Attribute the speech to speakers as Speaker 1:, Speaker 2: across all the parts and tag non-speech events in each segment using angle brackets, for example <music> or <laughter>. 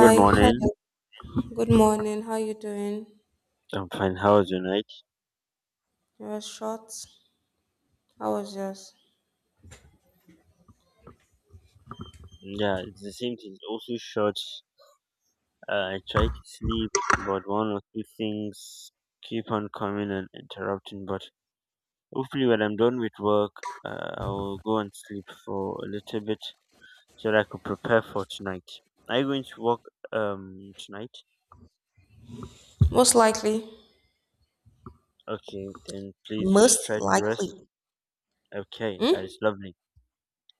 Speaker 1: Good morning.
Speaker 2: hello. Good morning. How you doing?
Speaker 1: I'm fine. How was your night?
Speaker 2: Yours short. How was yours?
Speaker 1: Yeah, it's the same thing. It's also short. I try to sleep, but one or two things keep on coming and interrupting. But hopefully, when I'm done with work, I will go and sleep for a little bit so that I could prepare for tonight. Are you going to work tonight?
Speaker 2: Most likely.
Speaker 1: Okay, then please you should
Speaker 2: Most
Speaker 1: try to
Speaker 2: likely.
Speaker 1: rest. Okay, that
Speaker 2: Hmm?
Speaker 1: is lovely.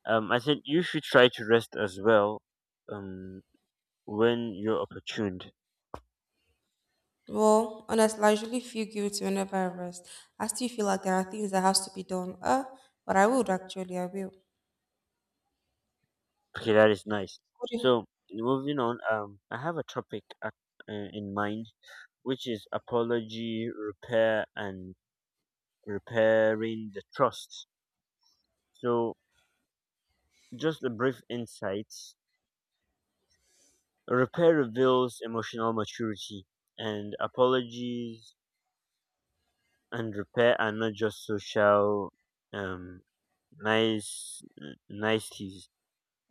Speaker 1: I said you should try to rest as well. Um, when you're opportune.
Speaker 2: Well, honestly, I usually feel guilty whenever I rest. I still feel like there are things that has to be done. But I would actually, I will.
Speaker 1: Okay, that is nice.
Speaker 2: What do you-
Speaker 1: So moving on, I have a topic at, in mind, which is apology, repair, and repairing the trust. So just a brief insights. Repair reveals emotional maturity, and apologies and repair are not just social, um, nice niceties,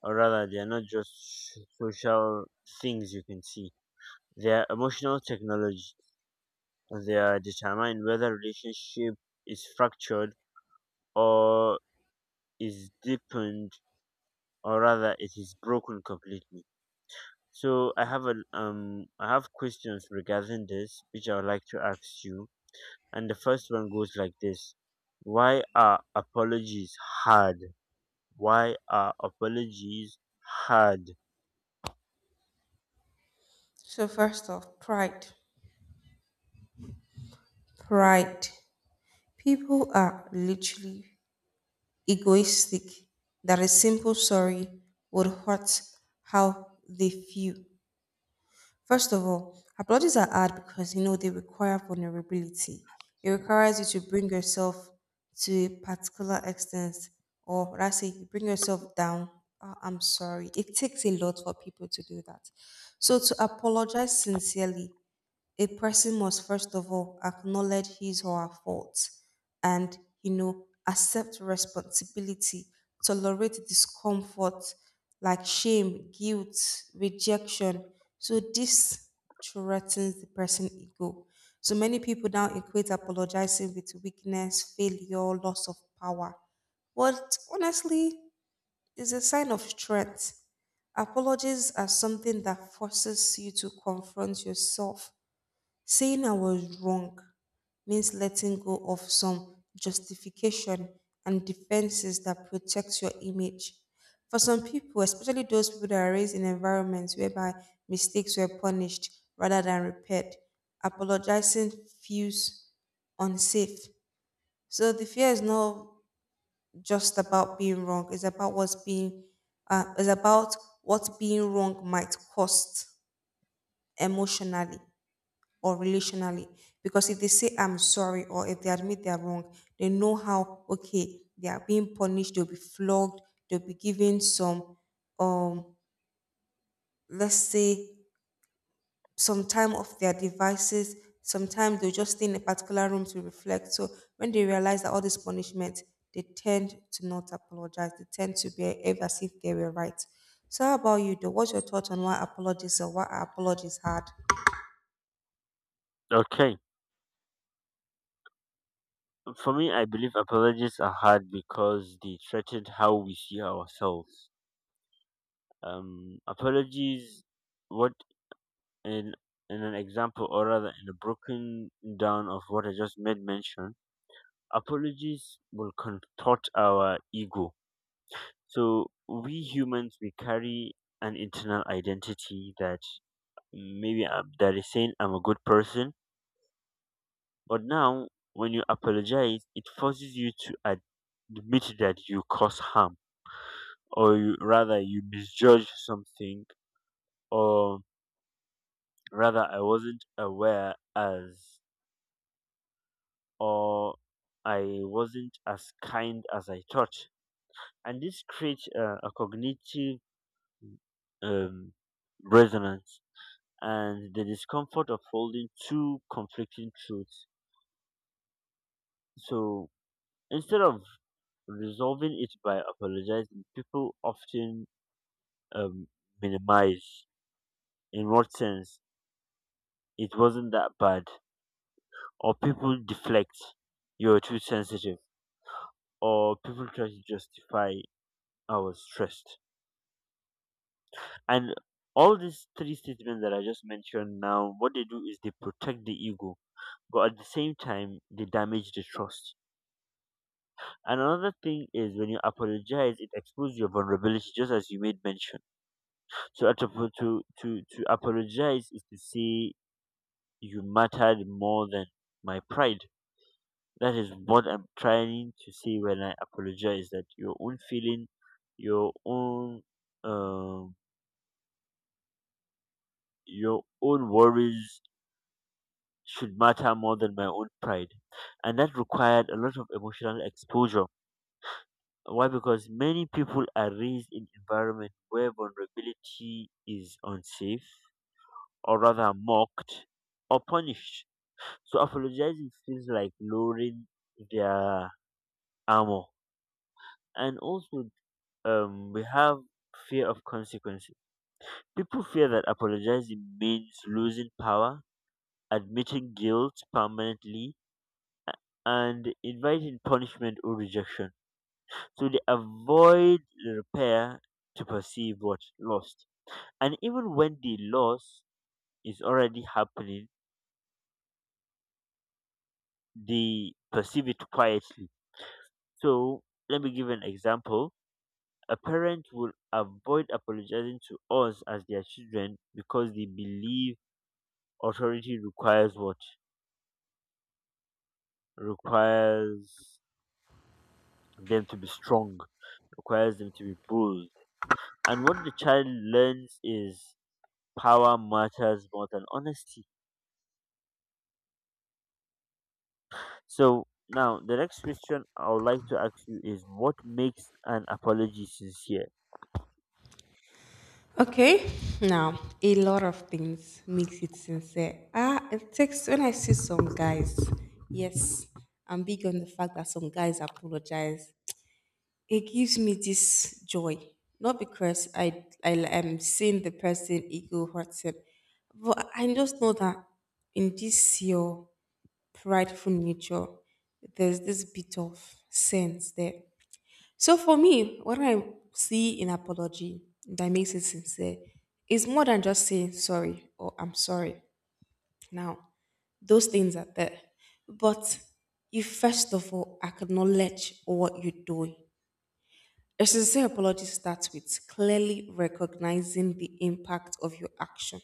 Speaker 1: or rather, they are not just social things you can see. They are emotional technology. They determine whether relationship is fractured or is deepened, or rather, it is broken completely. So I have questions regarding this, which I would like to ask you. And the first one goes like this: Why are apologies hard? Why are apologies hard?
Speaker 2: So first off, pride. Pride. People are literally egoistic that a simple sorry would hurt how they feel. First of all, apologies are hard because you know they require vulnerability. It requires you to bring yourself to a particular extent, or rather, say, you bring yourself down. "Ah, I'm sorry. It takes a lot for people to do that. So to apologize sincerely, a person must first of all acknowledge his or her faults, and you know, accept responsibility, tolerate discomfort like shame, guilt, rejection. So this threatens the person ego. So many people now equate apologizing with weakness, failure, loss of power. But honestly, is a sign of strength. Apologies are something that forces you to confront yourself. Saying I was wrong means letting go of some justification and defenses that protect your image. For some people, especially those people that are raised in environments whereby mistakes were punished rather than repaired, apologizing feels unsafe. So the fear is not just about being wrong; it's about it's about what being wrong might cost emotionally or relationally. Because if they say I'm sorry or if they admit they're wrong, they know how okay they are, being punished, they'll be flogged, they'll be given some um let's say some time off their devices, sometimes they'll just stay in a particular room to reflect. So when they realize that all this punishment, they tend to not apologize, they tend to behave as if they were right. So how about you though, what's your thought on why are apologies hard?
Speaker 1: Okay, for me, I believe apologies are hard because they threaten how we see ourselves. Apologies. What in in an example or rather in a broken down of what I just made mention, apologies will contort our ego. So we humans we carry an internal identity that maybe I that is saying I'm a good person, but now when you apologize, it forces you to admit that you cause harm, rather you misjudge something, or rather I wasn't aware as or I wasn't as kind as I thought. And this creates a cognitive um, resonance and the discomfort of holding two conflicting truths. So instead of resolving it by apologizing, people often um, minimize in what sense it wasn't that bad, or people deflect, you're too sensitive, or people try to justify I was stressed. And all these three statements that I just mentioned now, what they do is they protect the ego, but at the same time, they damage the trust. And another thing is when you apologize, it exposes your vulnerability, just as you made mention. So at a- to apologize is to say you mattered more than my pride. That is what I'm trying to say when I apologize, that your own feeling, your own, um, your own worries should matter more than my own pride. And that required a lot of emotional exposure. Why? Because many people are raised in environment where vulnerability is unsafe, or rather mocked or punished. So apologizing feels like lowering their armor. And also, we have fear of consequences. People fear that apologizing means losing power, admitting guilt permanently, and inviting punishment or rejection. So they avoid repair to perceive what lost. And even when the loss is already happening, they perceive it quietly. So let me give an example. A parent will avoid apologizing to us as their children because they believe authority requires what? Requires them to be strong, requires them to be bold. And what the child learns is power matters more than honesty. So now the next question I would like to ask you is, what makes an apology sincere?
Speaker 2: Okay, now a lot of things makes it sincere. Ah, it takes when I see some guys. Yes, I'm big on the fact that some guys apologize. It gives me this joy, not because I am seeing the person ego hurts him, but I just know that in this your prideful nature, there's this bit of sense there. So for me, what I see in apology that makes it sincere is more than just saying sorry or I'm sorry. Now, those things are there. But you first of all acknowledge what you're doing. A sincere apology starts with clearly recognizing the impact of your action.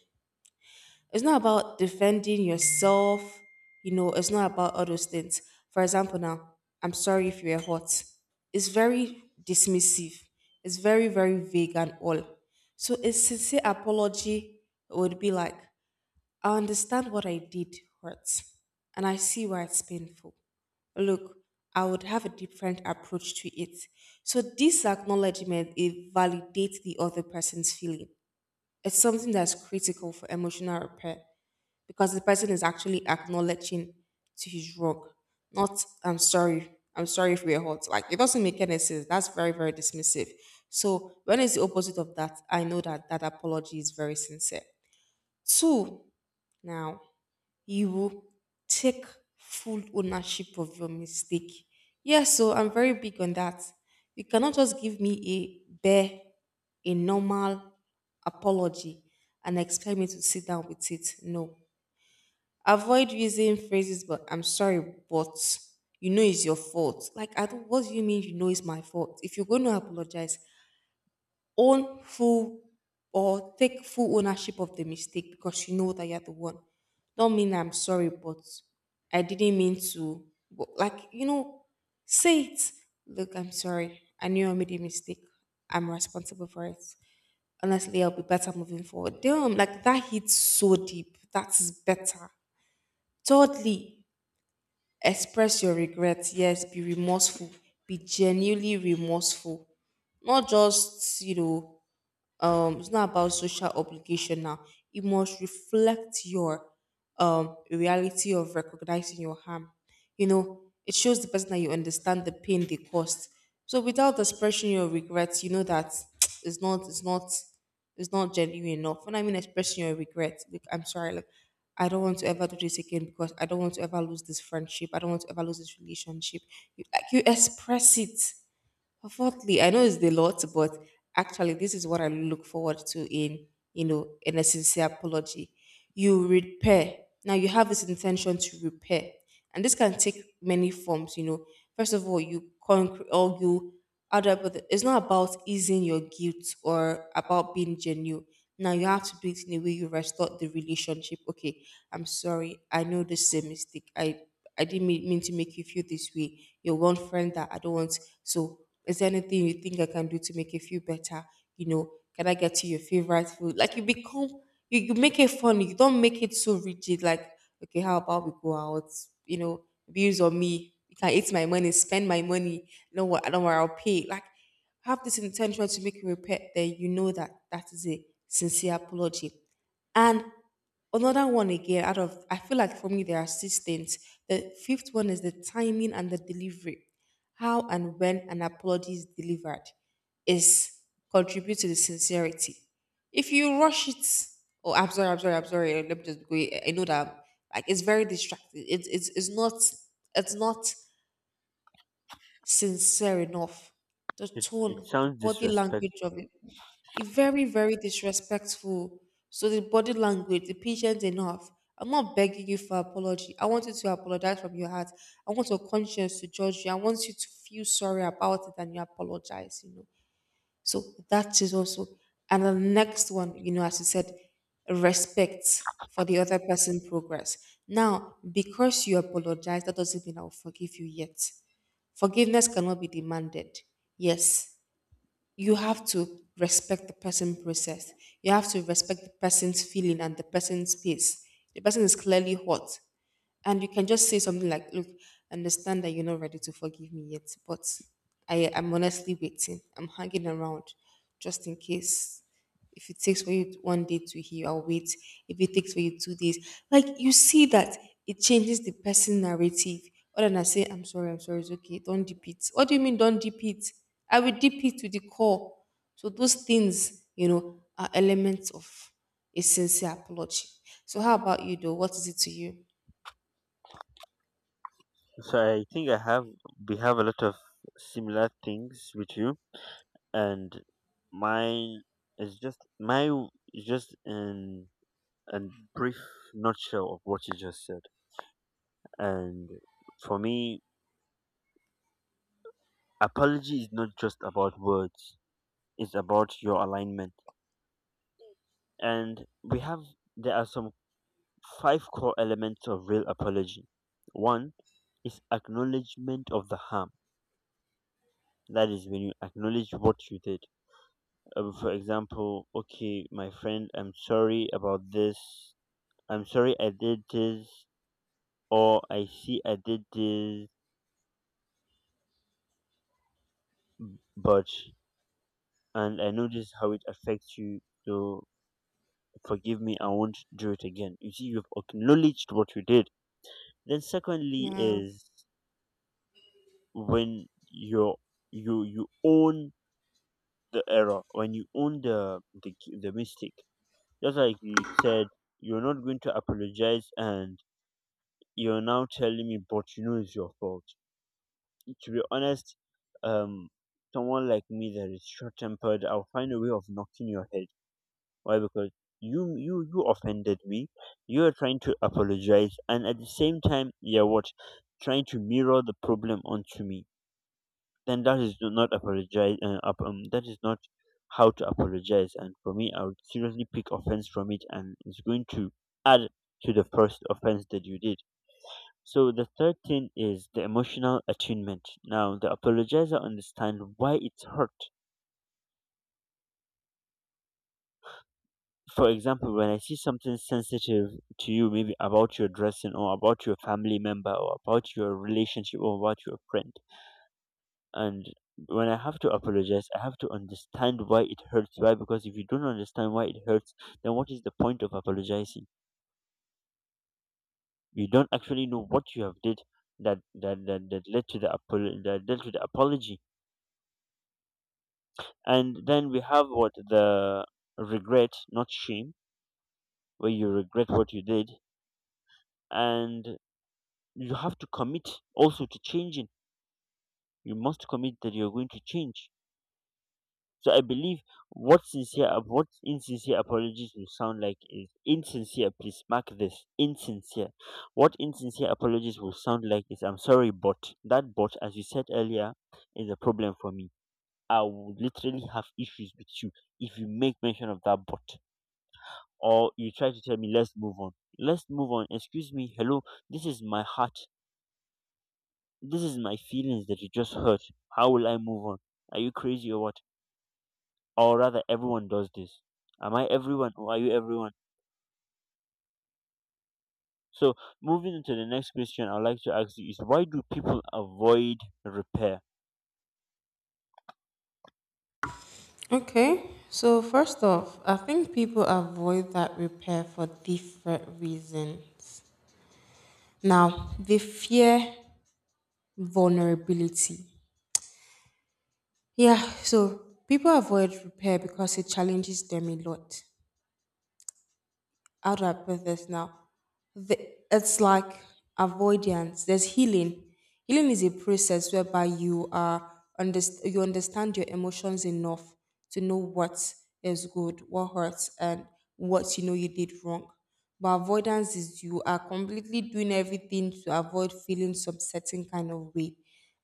Speaker 2: It's not about defending yourself, it's not about all those things. For example, now, I'm sorry if you were hot. It's very dismissive, it's very, very vague and all. So a sincere apology would be like, I understand what I did hurts, and I see why it's painful. Look, I would have a different approach to it. So this acknowledgement, it validates the other person's feeling. It's something that's critical for emotional repair because the person is actually acknowledging to his wrong, not I'm sorry, I'm sorry if we're hurt. Like it doesn't make any sense. That's very, very dismissive. So when it's the opposite of that, I know that that apology is very sincere. Two, now you will take full ownership of your mistake. Yes, so I'm very big on that. You cannot just give me a bare, a normal apology and expect me to sit down with it. No. Avoid using phrases, but I'm sorry, but you know it's your fault. Like, I don't, what do you mean you know it's my fault? If you're going to apologize, own full or take full ownership of the mistake because you know that you're the one. Don't mean I'm sorry, but I didn't mean to. But like, you know, say it. Look, I'm sorry. I knew I made a mistake. I'm responsible for it. Honestly, I'll be better moving forward. Damn, like that hits so deep. That is better. Thirdly, express your regrets. Yes, be remorseful. Be genuinely remorseful. Not just, you know, it's not about social obligation now, it must reflect your reality of recognizing your harm. You know, it shows the person that you understand the pain they caused. So without expressing your regrets, you know that <tsk> it's not it's not it's not genuine enough. When I mean expressing your regrets, like I'm sorry, like I don't want to ever do this again because I don't want to ever lose this friendship, I don't want to ever lose this relationship, you, like you express it. Fourthly, I know it's the lot, but actually, this is what I look forward to in, you know, in a sincere apology. You repair. Now you have this intention to repair, and this can take many forms. You know, first of all, you concrete or you other, but it's not about easing your guilt or about being genuine. Now you have to do it in a way you restore the relationship. Okay, I'm sorry. I know this is a mistake. I didn't mean to make you feel this way. You're one friend that I don't want. So, is there anything you think I can do to make you feel better? You know, can I get you your favorite food? Like you become, you make it fun. You don't make it so rigid. Like, okay, how about we go out? You know, bills on me. You can eat my money, spend my money. No, what I don't worry, I'll pay. Like, have this intention to make you repent. Then you know that that is a sincere apology. And another one again, out of, I feel like for me, there are six things. The fifth one is the timing and the delivery. How and when an apology is delivered is contribute to the sincerity. If you rush it, oh, I'm sorry, I'm sorry, I'm sorry. Let me just go. I know that like it's very distracting. It's not sincere enough. The
Speaker 1: It
Speaker 2: tone, the
Speaker 1: sounds
Speaker 2: body language of
Speaker 1: disrespectful.
Speaker 2: it. It's very, very disrespectful. So the body language, the patient enough. I'm not begging you for apology. I want you to apologize from your heart. I want your conscience to judge you. I want you to feel sorry about it and you apologize, you know. So that is also, and the next one, you know, as you said, respect for the other person's progress. Now, because you apologize, that doesn't mean I'll forgive you yet. Forgiveness cannot be demanded. Yes, you have to respect the person process. You have to respect the person's feeling and the person's pace. The person is clearly hot and you can just say something like, "Look, I understand that you're not ready to forgive me yet, but I am honestly waiting. I'm hanging around, just in case. If it takes for you one day to heal, I'll wait. If it takes for you 2 days, like you see that it changes the person narrative. Other than I say, I'm sorry, it's okay. Don't deep it. What do you mean, don't deep it? I will deep it to the core. So those things, you know, are elements of a sincere apology. So how about you, though? What is it to you?
Speaker 1: So I think I have we have a lot of similar things with you, and mine is just my is just in and brief nutshell of what you just said. And for me, apology is not just about words, it's about your alignment. And there are some five core elements of real apology. One is acknowledgement of the harm. That is when you acknowledge what you did. For example, okay, my friend, I'm sorry about this. I'm sorry I did this, or I see I did this, but and I know this is how it affects you. So forgive me, I won't do it again. You see, you've acknowledged what you did. Then secondly
Speaker 2: Yeah.
Speaker 1: is when you own the error, when you own the mistake. Just like you said, you're not going to apologize, and you're now telling me, but you know it's your fault. To be honest, um, someone like me that is short-tempered, I'll find a way of knocking your head. Why? Because you offended me. You are trying to apologize, and at the same time, you're what, trying to mirror the problem onto me. Then that is do not apologize. That is not how to apologize. And for me, I would seriously pick offense from it, and it's going to add to the first offense that you did. So the third thing is the emotional attunement. Now the apologizer understands why it's hurt. For example, when I see something sensitive to you, maybe about your dressing or about your family member or about your relationship or about your friend, and when I have to apologize, I have to understand why it hurts. Why? Because if you don't understand why it hurts, then what is the point of apologizing? You don't actually know what you have did that led to that led to the apology. And then we have what, the regret, not shame, where you regret what you did, and you have to commit also to changing. You must commit that you're going to change. So I believe what sincere what insincere apologies will sound like is insincere, please mark this, insincere. What insincere apologies will sound like is I'm sorry but, that but as you said earlier is a problem for me. I would literally have issues with you if you make mention of that but, or you try to tell me let's move on, let's move on. Excuse me, hello, this is my heart. This is my feelings that you just hurt. How will I move on? Are you crazy or what? Or rather, everyone does this. Am I everyone or are you everyone? So, moving into the next question, I'd like to ask you is why do people avoid repair?
Speaker 2: Okay. So first off, I think people avoid that repair for different reasons. Now, they fear vulnerability. Yeah, so people avoid repair because it challenges them a lot. I'll wrap with this now. The, it's like avoidance. There's healing. Healing is a process whereby you are you understand your emotions enough to know what is good, what hurts, and what you know you did wrong. But avoidance is you are completely doing everything to avoid feeling some certain kind of way.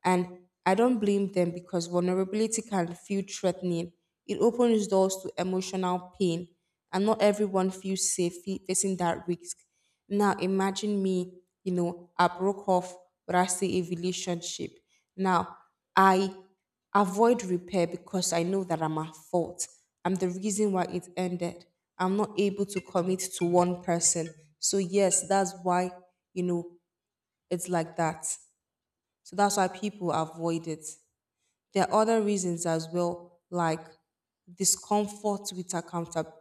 Speaker 2: And I don't blame them because vulnerability can feel threatening. It opens doors to emotional pain, and not everyone feels safe facing that risk. Now, imagine me, you know, I broke off, but I stay a relationship. Now, I avoid repair because I know that I'm at fault. I'm the reason why it ended. I'm not able to commit to one person. So, yes, that's why, you know, it's like that. So that's why people avoid it. There are other reasons as well, like discomfort with accountability.